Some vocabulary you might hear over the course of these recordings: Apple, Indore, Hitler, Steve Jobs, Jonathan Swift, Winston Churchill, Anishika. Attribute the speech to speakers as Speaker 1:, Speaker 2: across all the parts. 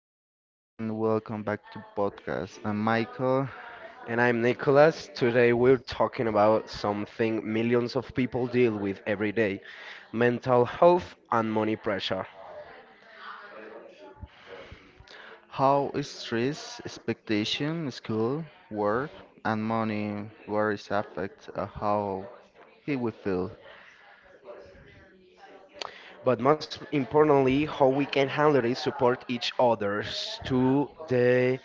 Speaker 1: everyone, welcome back to podcast. I'm Michael.
Speaker 2: and I'm Nicholas. Today we're talking about something millions of people deal with every day: mental health and money pressure.
Speaker 1: How stress, expectation, school, work, and money worries affect how he will feel?
Speaker 2: But most importantly, how we can handle it, support each others to the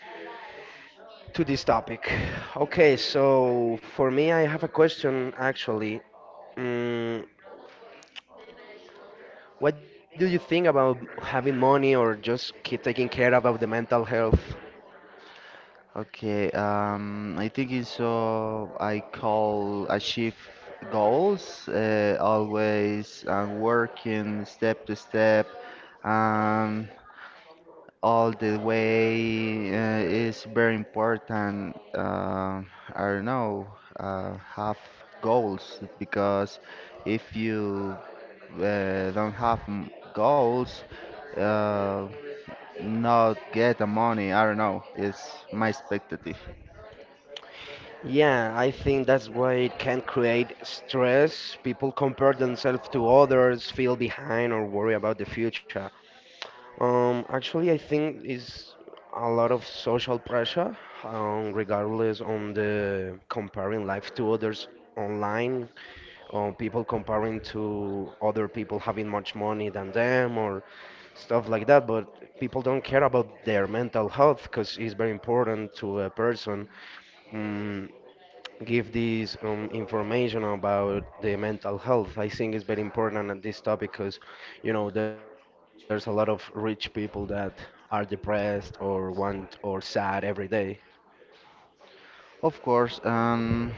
Speaker 2: to this topic. Okay, so for me, I have a question actually. Mm, what do you think about having money or just keep taking care about the mental health?
Speaker 1: Okay, I think it's I call achieve goals always and working step to step. Um, all the way is very important. I don't know, have goals because if you don't have goals, uh, not get the money. I don't know. It's my expectative.
Speaker 2: Yeah, I think that's why it can create stress. People compare themselves to others, feel behind, or worry about the future. Actually, I think is a lot of social pressure, regardless on the comparing life to others online, or people comparing to other people having much money than them, or stuff like that. But people don't care about their mental health because it's very important to a person. Mm, Give this information about the mental health. I think it's very important at this topic because there's a lot of rich people that are depressed or want or sad every day.
Speaker 1: Of course,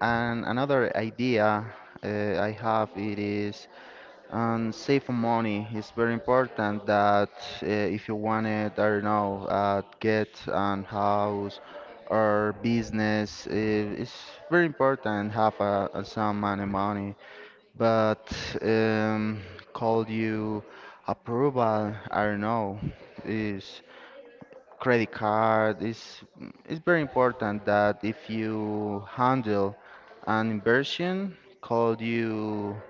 Speaker 1: and another idea I have it is and save for money is very important that if you wanted, I don't know, get an house or business, it's very important have a some money. But um, call you approval, I don't know, is credit card is it's very important that if you handle an inversion, called you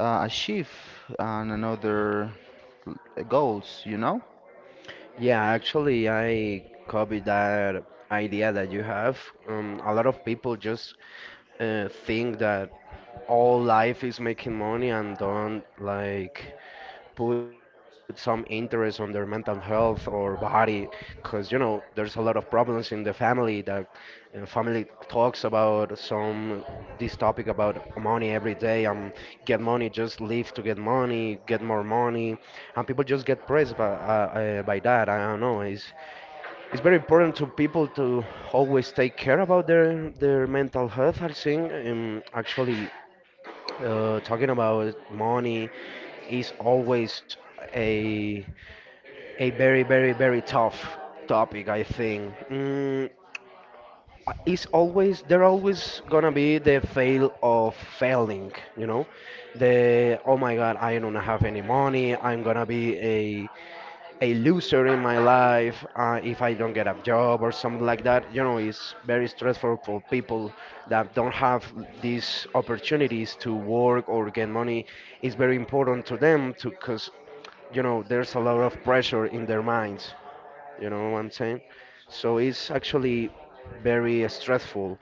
Speaker 1: achieve and another goals, you know?
Speaker 2: Yeah, actually, I copy that idea that you have. A lot of people just think that all life is making money and don't like put some interest on their mental health or body because there's a lot of problems in the family that family talks about some this topic about money every day, get money, just live to get money, get more money, and people just get pressed by that. I don't know, it's very important to people to always take care about their mental health, I think. Actually, talking about money is always a very, very, very tough topic. I think, it's always there. Always gonna be the fail of failing. You know, the oh my god, I don't have any money. I'm gonna be a loser in my life if I don't get a job or something like that. You know, it's very stressful for people that don't have these opportunities to work or get money. It's very important to them to, because there's a lot of pressure in their minds. You know what I'm saying? So it's actually very stressful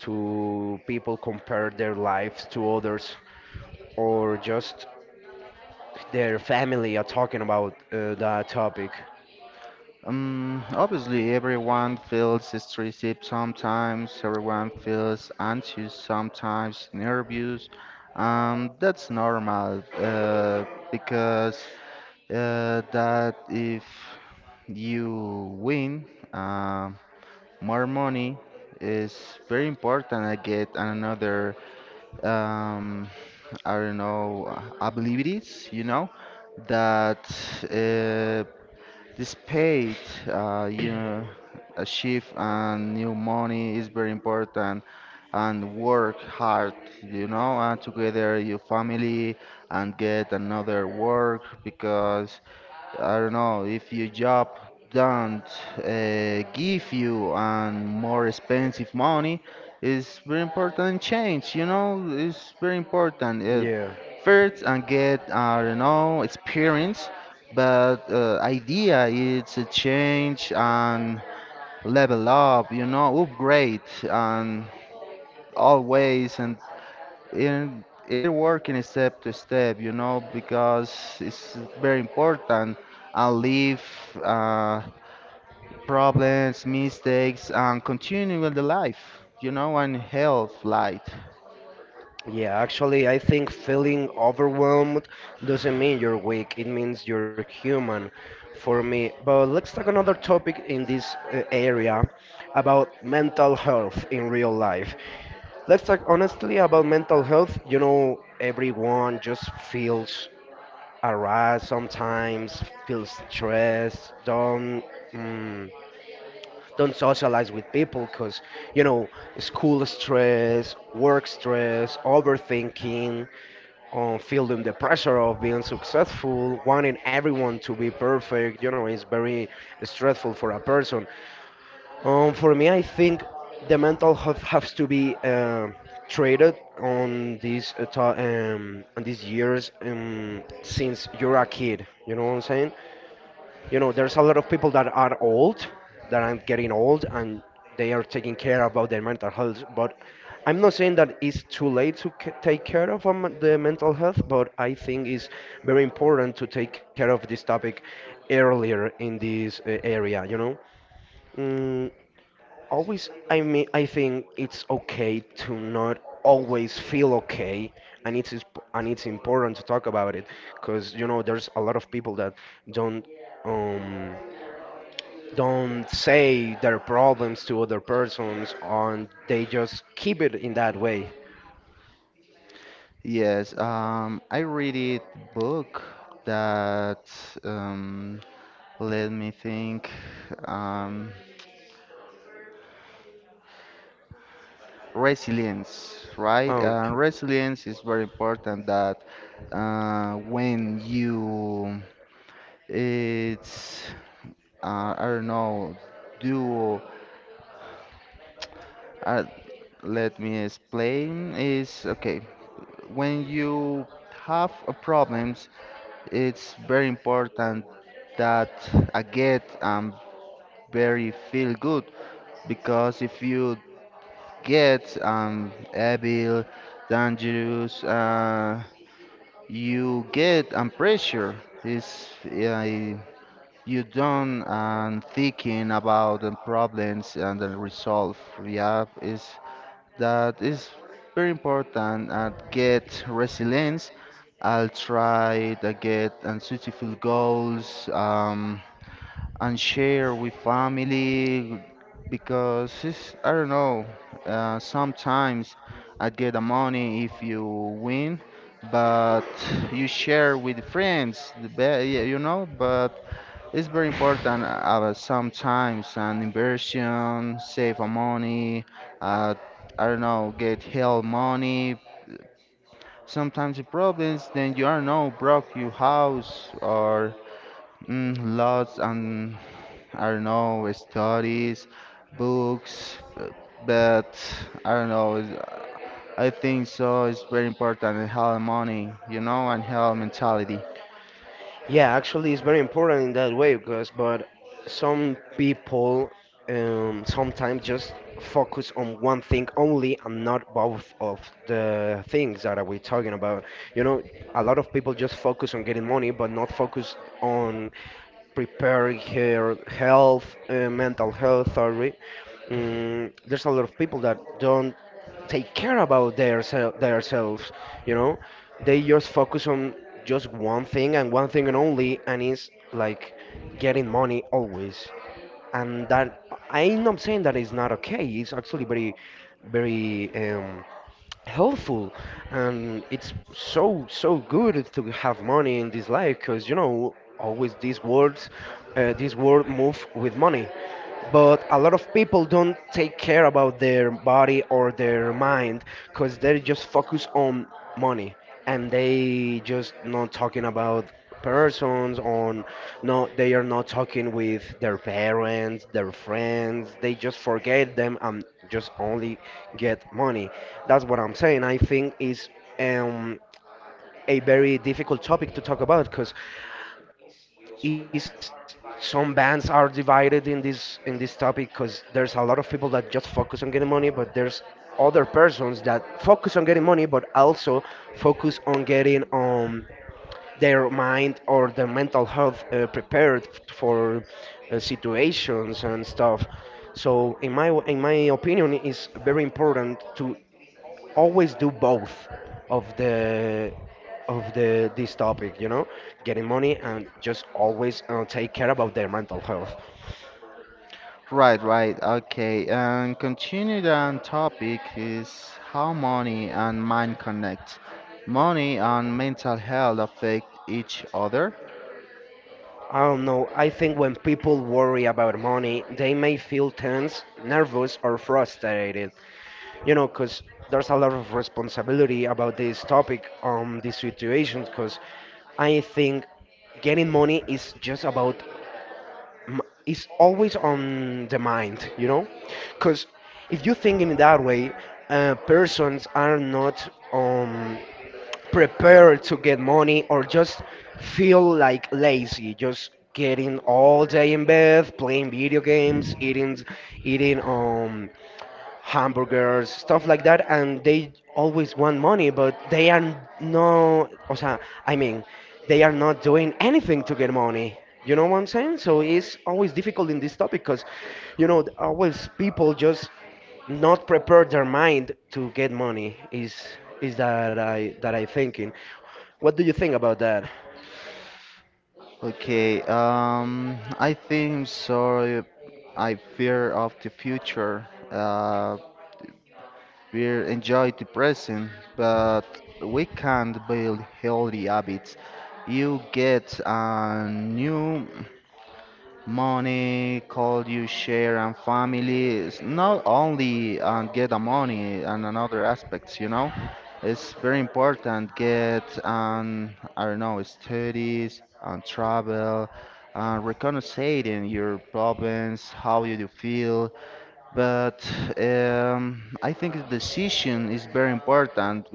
Speaker 2: to people compare their lives to others or just their family are talking about that topic.
Speaker 1: Obviously, everyone feels stressed sometimes, everyone feels anxious sometimes, nervous. That's normal because that if you win uh, more money is very important I get and another um, I don't know, I believe it is, you know, that uh, this paid, you know, a shift and new money is very important and work hard, you know, and together your family and get another work because I don't know, if your job don't give you and more expensive money, it's very important change, you know, it's very important.
Speaker 2: Yeah.
Speaker 1: First and get, I don't know, experience, but idea is a change and level up, you know, upgrade and always and in it working step to step, you know, because it's very important and leave uh, problems, mistakes, and continue with the life, you know, and health light.
Speaker 2: Yeah, actually, I think feeling overwhelmed doesn't mean you're weak, it means you're human for me. But let's talk another topic in this area about mental health in real life. Let's talk honestly about mental health. You know, everyone just feels harassed sometimes, feels stressed, down. Don't socialize with people because you know school stress, work stress, overthinking, feeling the pressure of being successful, wanting everyone to be perfect, is very stressful for a person. For me, I think the mental health has to be treated on these on these years, since you're a kid. You know what I'm saying? You know, there's a lot of people that are old, that are getting old and they are taking care about their mental health, but I'm not saying that it's too late to take care of the mental health, but I think it's very important to take care of this topic earlier in this area, you know. mm, Always, I mean, I think it's okay to not always feel okay, and it's important to talk about it because you know there's a lot of people that don't um don't say their problems to other persons, and they just keep it in that way.
Speaker 1: Yes, I read it book that um, let me think. Um, resilience, right?
Speaker 2: Okay.
Speaker 1: Resilience is very important. That when you it's I don't know duo. Uh, let me explain. Is okay when you have a problems. It's very important that I get very feel good because if you get evil, dangerous, you get pressure. Is yeah. You done and thinking about the problems and the resolve. Yeah, is that is very important and get resilience. I'll try to get unsuitable goals and share with family because it's, I don't know. Sometimes I get the money if you win, but you share with friends. The yeah, you know, but it's very important sometimes an inversion, save a money, uh, I don't know, get help money. Sometimes the problems then you are no broke your house or lots and I don't know studies, books, but I don't know. I think so. It's very important to have money, you know, and have mentality.
Speaker 2: Yeah, actually, it's very important in that way because, but some people, sometimes just focus on one thing only and not both of the things that we're talking about. You know, a lot of people just focus on getting money, but not focus on preparing her health, mental health, sorry. There's a lot of people that don't take care about their themselves. You know, they just focus on just one thing and only, and it's like getting money always. And that, I'm not saying that it's not okay. It's actually very, very helpful, and it's so good to have money in this life because always these words, this world move with money, but a lot of people don't take care about their body or their mind because they're just focused on money, and they just not talking about persons on, no, they are not talking with their parents, their friends, they just forget them and just only get money. That's what I'm saying. I think is um, a very difficult topic to talk about because is some bands are divided in this topic because there's a lot of people that just focus on getting money, but there's other persons that focus on getting money but also focus on getting their mind or their mental health prepared for situations and stuff. So in my opinion, it's very important to always do both of the this topic. You know, getting money and just always take care about their mental health.
Speaker 1: Right, right. Okay. And continued on topic is how money and mind connect. Money and mental health affect each other.
Speaker 2: I don't know. I think when people worry about money, they may feel tense, nervous, or frustrated. You know, because there's a lot of responsibility about this topic, these situations, because I think getting money is just about, m- is always on the mind, you know, because if you think in that way, persons are not um, prepared to get money or just feel like lazy, just getting all day in bed, playing video games, eating hamburgers, stuff like that, and they always want money, but they are no, o sea, I mean, they are not doing anything to get money. You know what I'm saying? So it's always difficult in this topic because always people just not prepare their mind to get money is that I thinking. What do you think about that?
Speaker 1: Okay. I think so. I fear of the future. We enjoy the present, but we can't build healthy habits. You get a new. Money, call you share and family. It's not only and get the money and another aspects, you know. It's very important get I don't know studies and travel and reconciling your problems, how you do feel, but I think the decision is very important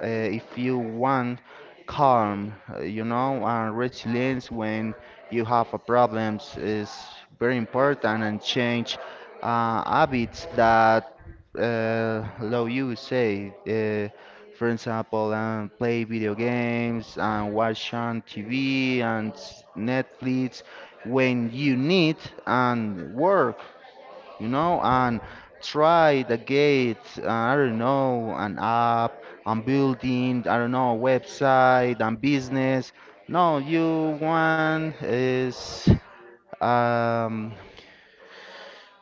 Speaker 1: if you want calm, you know, and resilience when you have a problems is very important and change habits that allow you say, for example, play video games and watch on TV and Netflix when you need and work, you know, and try the gates, I don't know, an app, and building, I don't know, website and business. No, you want is, um,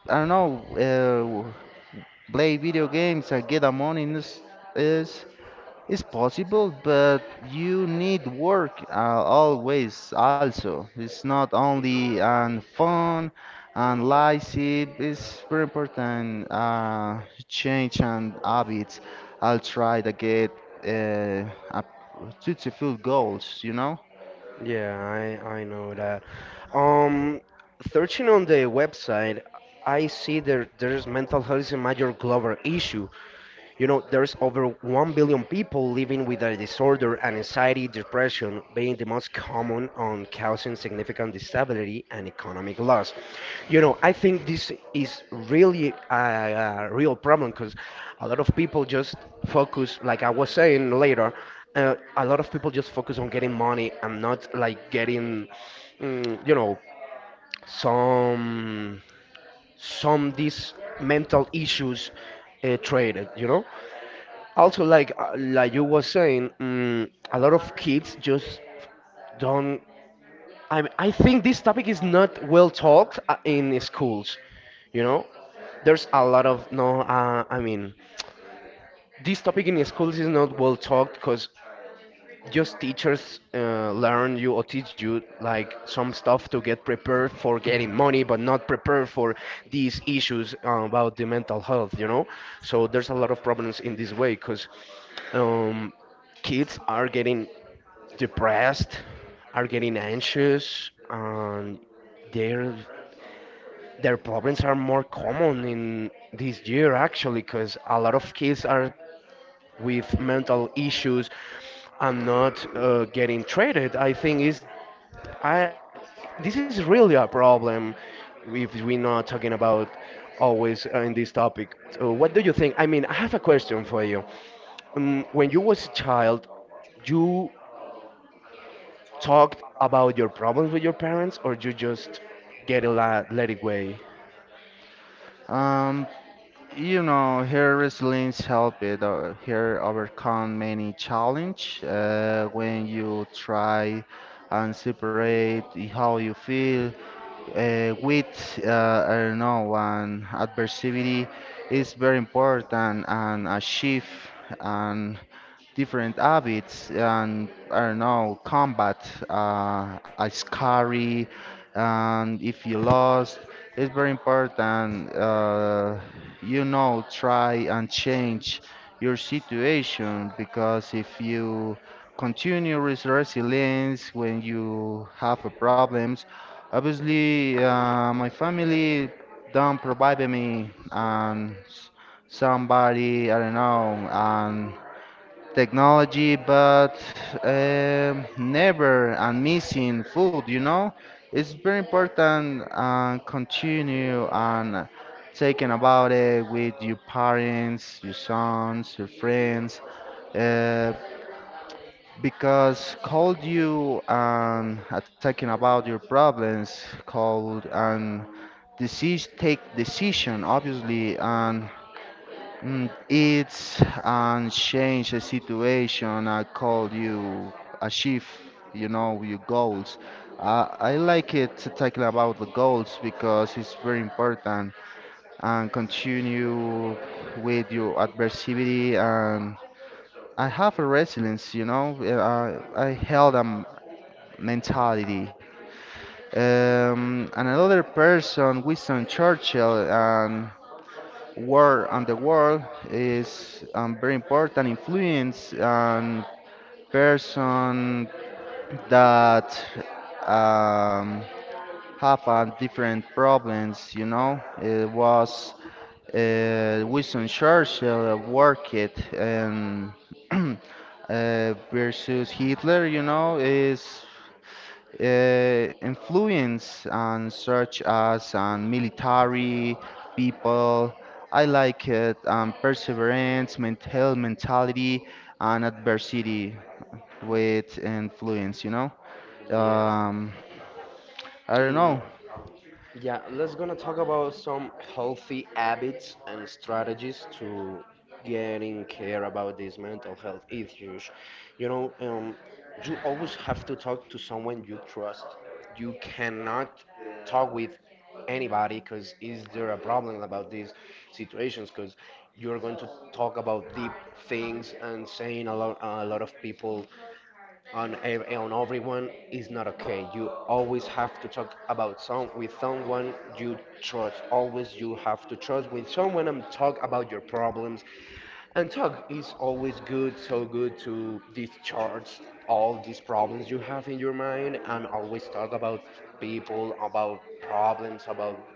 Speaker 1: I don't know, uh, play video games and get the money is, it's possible, but you need work always also. It's not only on fun and lazy, it's very important change and habits. I'll try to get uh, up to fulfill goals, you know?
Speaker 2: Yeah, I know that. Um, Searching on the website, I see there's mental health is a major global issue. You know, there's over 1 billion people living with a disorder, and anxiety, depression being the most common on causing significant disability and economic loss. You know, I think this is really a real problem because a lot of people just focus, like I was saying later, a lot of people just focus on getting money and not like getting, you know, some some these mental issues treated. Also, like you were saying, a lot of kids just don't. I mean, I think this topic is not well talked in schools. You know, there's a lot of no. I mean, this topic in schools is not well talked because just teachers learn you or teach you like some stuff to get prepared for getting money but not prepared for these issues about the mental health. So there's a lot of problems in this way because um, kids are getting depressed, are getting anxious, and their their problems are more common in this year actually because a lot of kids are with mental issues and not getting treated. I think is I this is really a problem if we're not talking about always in this topic. So what do you think? I mean, I have a question for you. When you was a child, you talked about your problems with your parents, or you just get it la let it way?
Speaker 1: Um, you know, her resilience helped it, her overcome many challenge when you try and separate how you feel with I don't know and adversity is very important and a shift and different habits and I don't know combat a scary and if you lost it's very important you know try and change your situation because if you continue with resilience when you have a problems. Obviously, my family don't provide me and somebody, I don't know, and technology, but never and missing food, you know? It's very important and continue and taking about it with your parents, your sons, your friends. Uh, because called you and attacking about your problems, called and disease take decision obviously and it's and change the situation. I called you achieve you know your goals. I like it to talking about the goals because it's very important and continue with your adversity and I have a resilience, you know. I held a mentality. And another person, Winston Churchill, and war and the world is very important influence and person that um, have different problems. You know, it was Winston Churchill worked and uh, versus Hitler. You know, is influence on such as on military people. I like it perseverance, mental mentality, and adversity with influence. You know,
Speaker 2: Yeah.
Speaker 1: um, I don't
Speaker 2: Mm,
Speaker 1: know.
Speaker 2: yeah, let's gonna talk about some healthy habits and strategies to getting care about these mental health issues. You know, you always have to talk to someone you trust. You cannot talk with anybody because is there a problem about these situations? Because you're going to talk about deep things and saying a lot of people on everyone is not okay. You always have to talk about some with someone you trust. Always you have to trust with someone and talk about your problems. And talk is always good, so good to discharge all these problems you have in your mind and always talk about people, about problems, about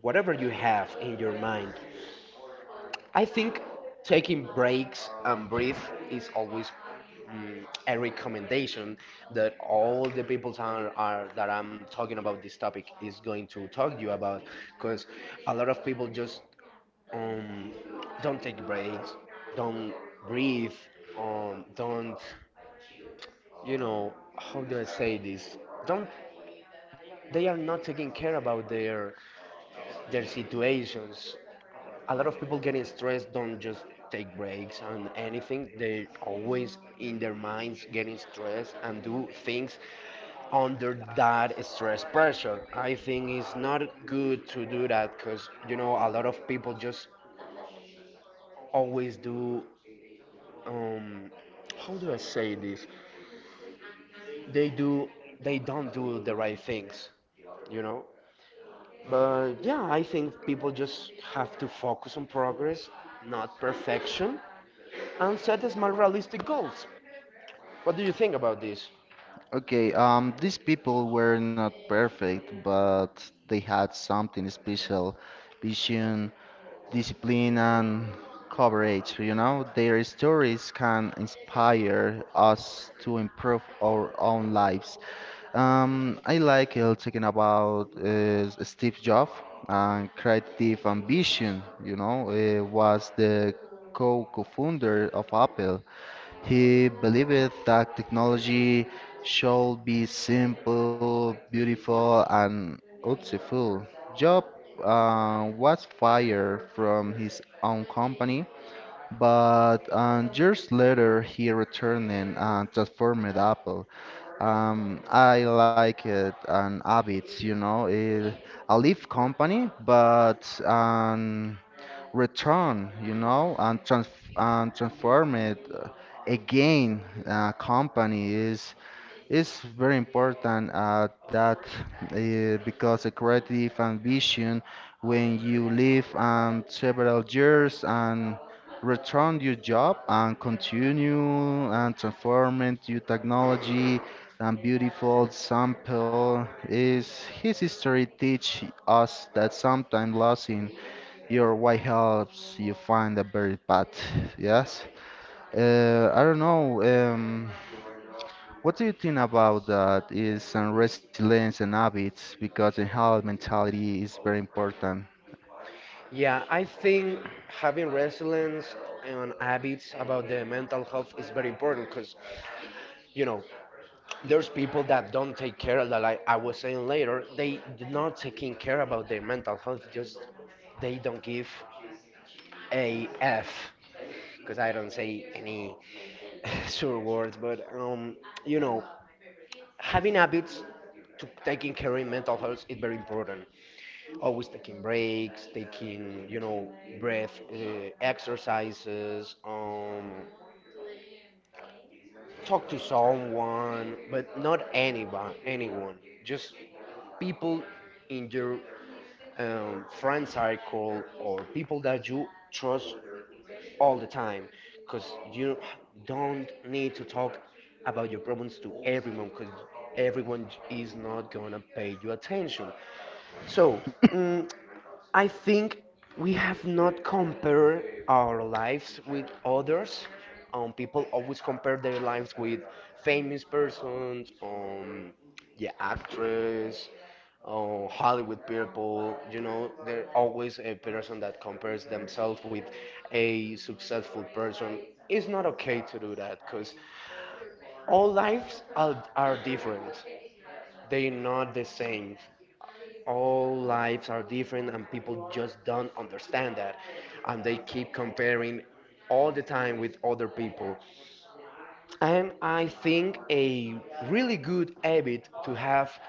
Speaker 2: whatever you have in your mind. I think taking breaks and breathe is always, a recommendation that all the people that are that I'm talking about this topic is going to talk to you about because a lot of people just, um, don't take breaks, don't breathe, don't, you know, how do I say this? Don't, they are not taking care about their situations. A lot of people getting stressed don't just take breaks and anything. They are always in their minds getting stressed and do things under that stress pressure. I think it's not good to do that because, you know, a lot of people just always do um how do I say this? They do they don't do the right things, you know but yeah, I think people just have to focus on progress, not perfection, and set small realistic goals. What do you think about this?
Speaker 1: Okay, these people were not perfect, but they had something special, vision, discipline and coverage. You know, their stories can inspire us to improve our own lives. I like talking about Steve Jobs and creative ambition. You know, was the co-founder of Apple. He believed that technology should be simple, beautiful, and useful. Job was fired from his own company, but years later he returned and transformed Apple. I like it and habits, you know, it, a leaf company, but return, you know, and transform it again. Company is very important at that because a creative ambition when you leave several years and return your job and continue and transform into your technology and beautiful sample is his history teach us that sometimes losing your why helps you find the very path. Yes. I don't know. What do you think about that? Is and resilience and habits because in health mentality is very important.
Speaker 2: Yeah, I think having resilience and habits about the mental health is very important because, you know, there's people that don't take care of that. Like I was saying later, they do not taking care about their mental health. Just they don't give a f, because I don't say any sure words, but you know, having habits to taking care in mental health is very important. Always taking breaks, taking, you know, breath exercises, talk to someone, but not anyone, anyone, just people in your friend circle or people that you trust all the time, because you don't need to talk about your problems to everyone, because everyone is not gonna pay you attention. So, mm, I think we have not compared our lives with others. People always compare their lives with famous persons, yeah, actress, Hollywood people. You know, they're always a person that compares themselves with a successful person. It's not okay to do that because all lives are different. They're not the same. All lives are different and people just don't understand that, and they keep comparing all the time with other people. And I think a really good habit to have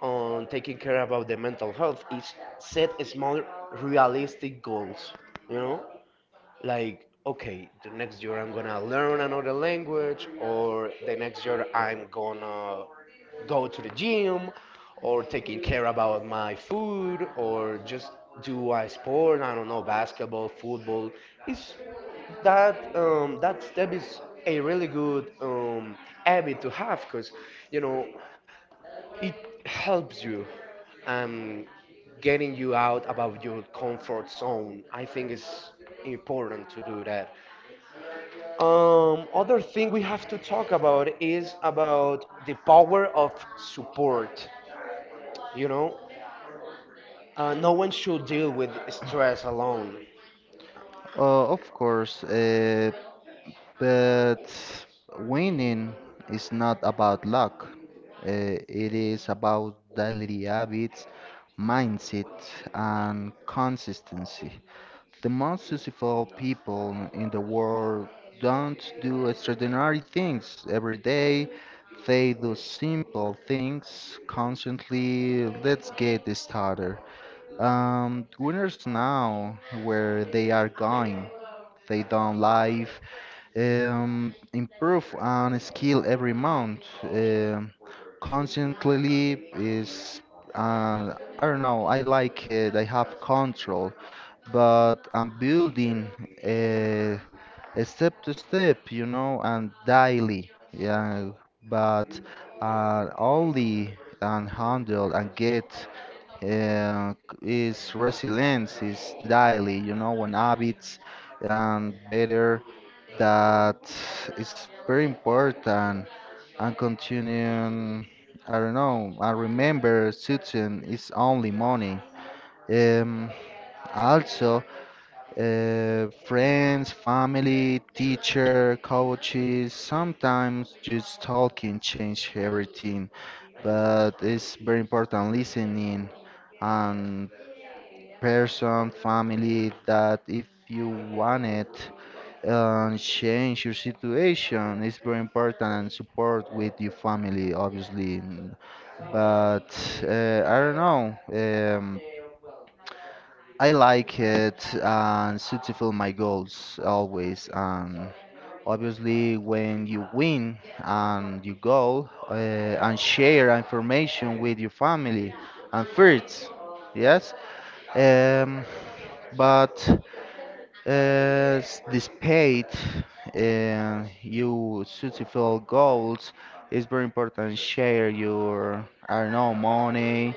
Speaker 2: on taking care about the mental health is set small realistic goals, you know, like okay, the next year I'm gonna learn another language, or the next year I'm gonna go to the gym, or taking care about my food, or just do a sport, I don't know, basketball, football. Is that that step is a really good habit to have because, you know, it helps you um, getting you out about your comfort zone. I think it's important to do that. Other thing we have to talk about is about the power of support. You know, no one should deal with stress alone.
Speaker 1: Of course, but winning is not about luck. It is about daily habits, mindset, and consistency. The most successful people in the world don't do extraordinary things every day. They do simple things constantly. Let's get this started. Winners now where they are going. They don't live improve on skill every month. Constantly is I don't know. I like it. I have control, but I'm building a, a step to step, you know, and daily. Yeah, but only and handle and get uh, is resilience, is daily, you know, on habits and better that is very important and continuing, I don't know, I remember Susan is only money. Um, also, friends, family, teacher, coaches, sometimes just talking change everything, but it's very important listening and person, family, that if you want it, change your situation. It's very important and support with your family, obviously. But I don't know. I like it and should fulfill my goals always. And obviously, when you win and you go and share information with your family and friends, yes. Um, but this page and you suitable goals is very important. Share your, I don't know, money,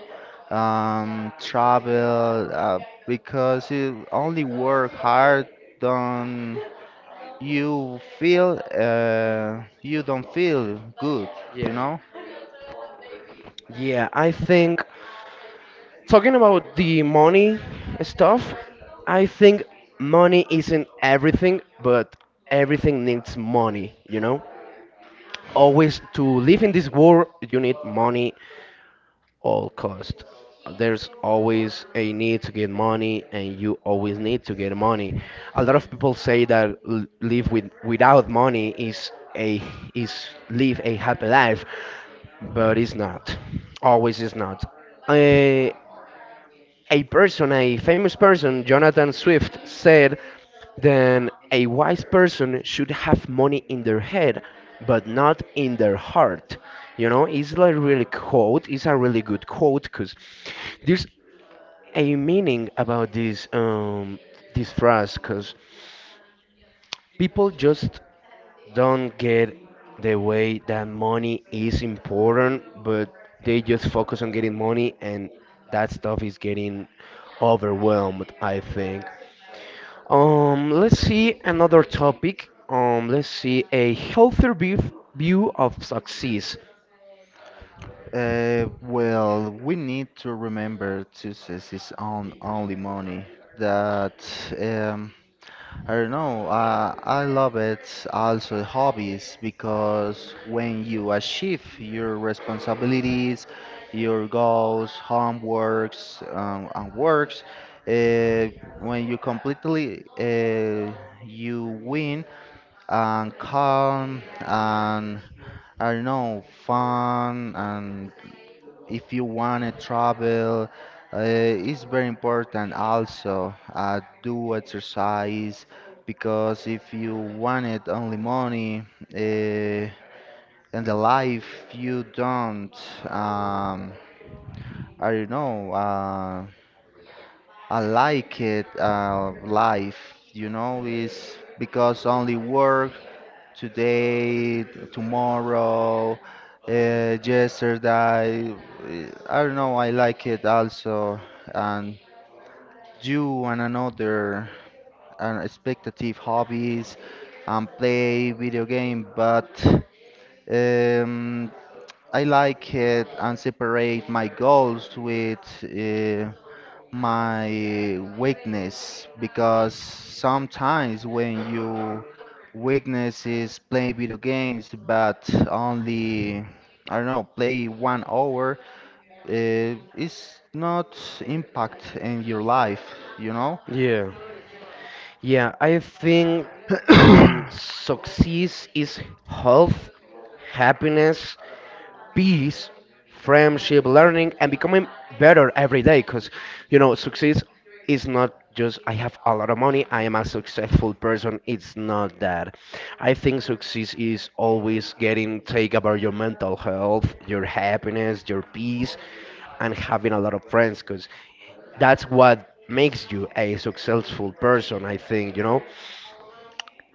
Speaker 1: travel, because you only work hard, don't you feel, you don't feel good, you
Speaker 2: Yeah,
Speaker 1: know?
Speaker 2: yeah. I think talking about the money stuff, I think money isn't everything, but everything needs money. You know, always to live in this world you need money all cost. There's always a need to get money and you always need to get money. A lot of people say that live with without money is a, is live a happy life, but it's not, always is not. Eh, a person, a famous person, Jonathan Swift, said, then a wise person should have money in their head, but not in their heart. You know, it's like really quote. It's a really good quote because there's a meaning about this this phrase, because people just don't get the way that money is important, but they just focus on getting money, and that stuff is getting overwhelmed, I think. Let's see another topic. Let's see a healthier view of success.
Speaker 1: Well, we need to remember to is on only money that. Um, I don't know. I love it also hobbies because when you achieve your responsibilities, your goals, homeworks, and works, uh, when you completely you win and calm and I don't know fun and if you want to travel, it's very important also do exercise because if you wanted only money uh, and the life you don't um, I don't know I like it life you know is because only work today, tomorrow, yesterday. I don't know, I like it also. And you and another and expectative hobbies and play video game, but um, I like it and separate my goals with my weakness because sometimes when your weakness is playing video games but only I don't know play 1 hour it's not impact in your life, you know.
Speaker 2: Yeah. Yeah, I think success is health, happiness, peace, friendship, learning, and becoming better every day. Because, you know, success is not just I have a lot of money, I am a successful person. It's not that. I think success is always getting take about your mental health, your happiness, your peace, and having a lot of friends. Because that's what makes you a successful person, I think, you know,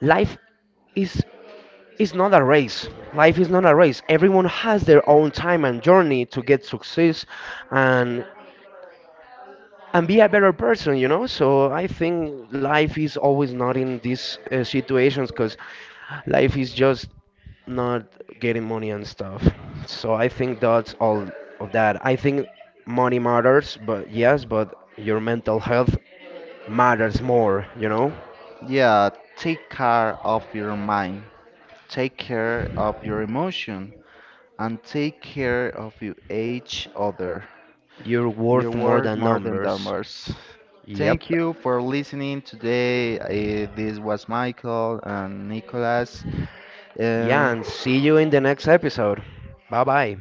Speaker 2: life is is not a race. Life is not a race. Everyone has their own time and journey to get success and and be a better person, you know? So I think life is always not in these situations, cuz life is just not getting money and stuff. So I think that's all of that. I think money matters, but yes, but your mental health matters more, you know?
Speaker 1: Yeah, take care of your mind, take care of your emotion, and take care of your each other.
Speaker 2: You're
Speaker 1: Your
Speaker 2: worth more
Speaker 1: work
Speaker 2: than
Speaker 1: more than
Speaker 2: numbers.
Speaker 1: dollars. Thank
Speaker 2: Yep.
Speaker 1: you for listening today. This was Michael and Nicholas.
Speaker 2: Yeah,
Speaker 1: Um,
Speaker 2: and see you in the next episode. Bye bye.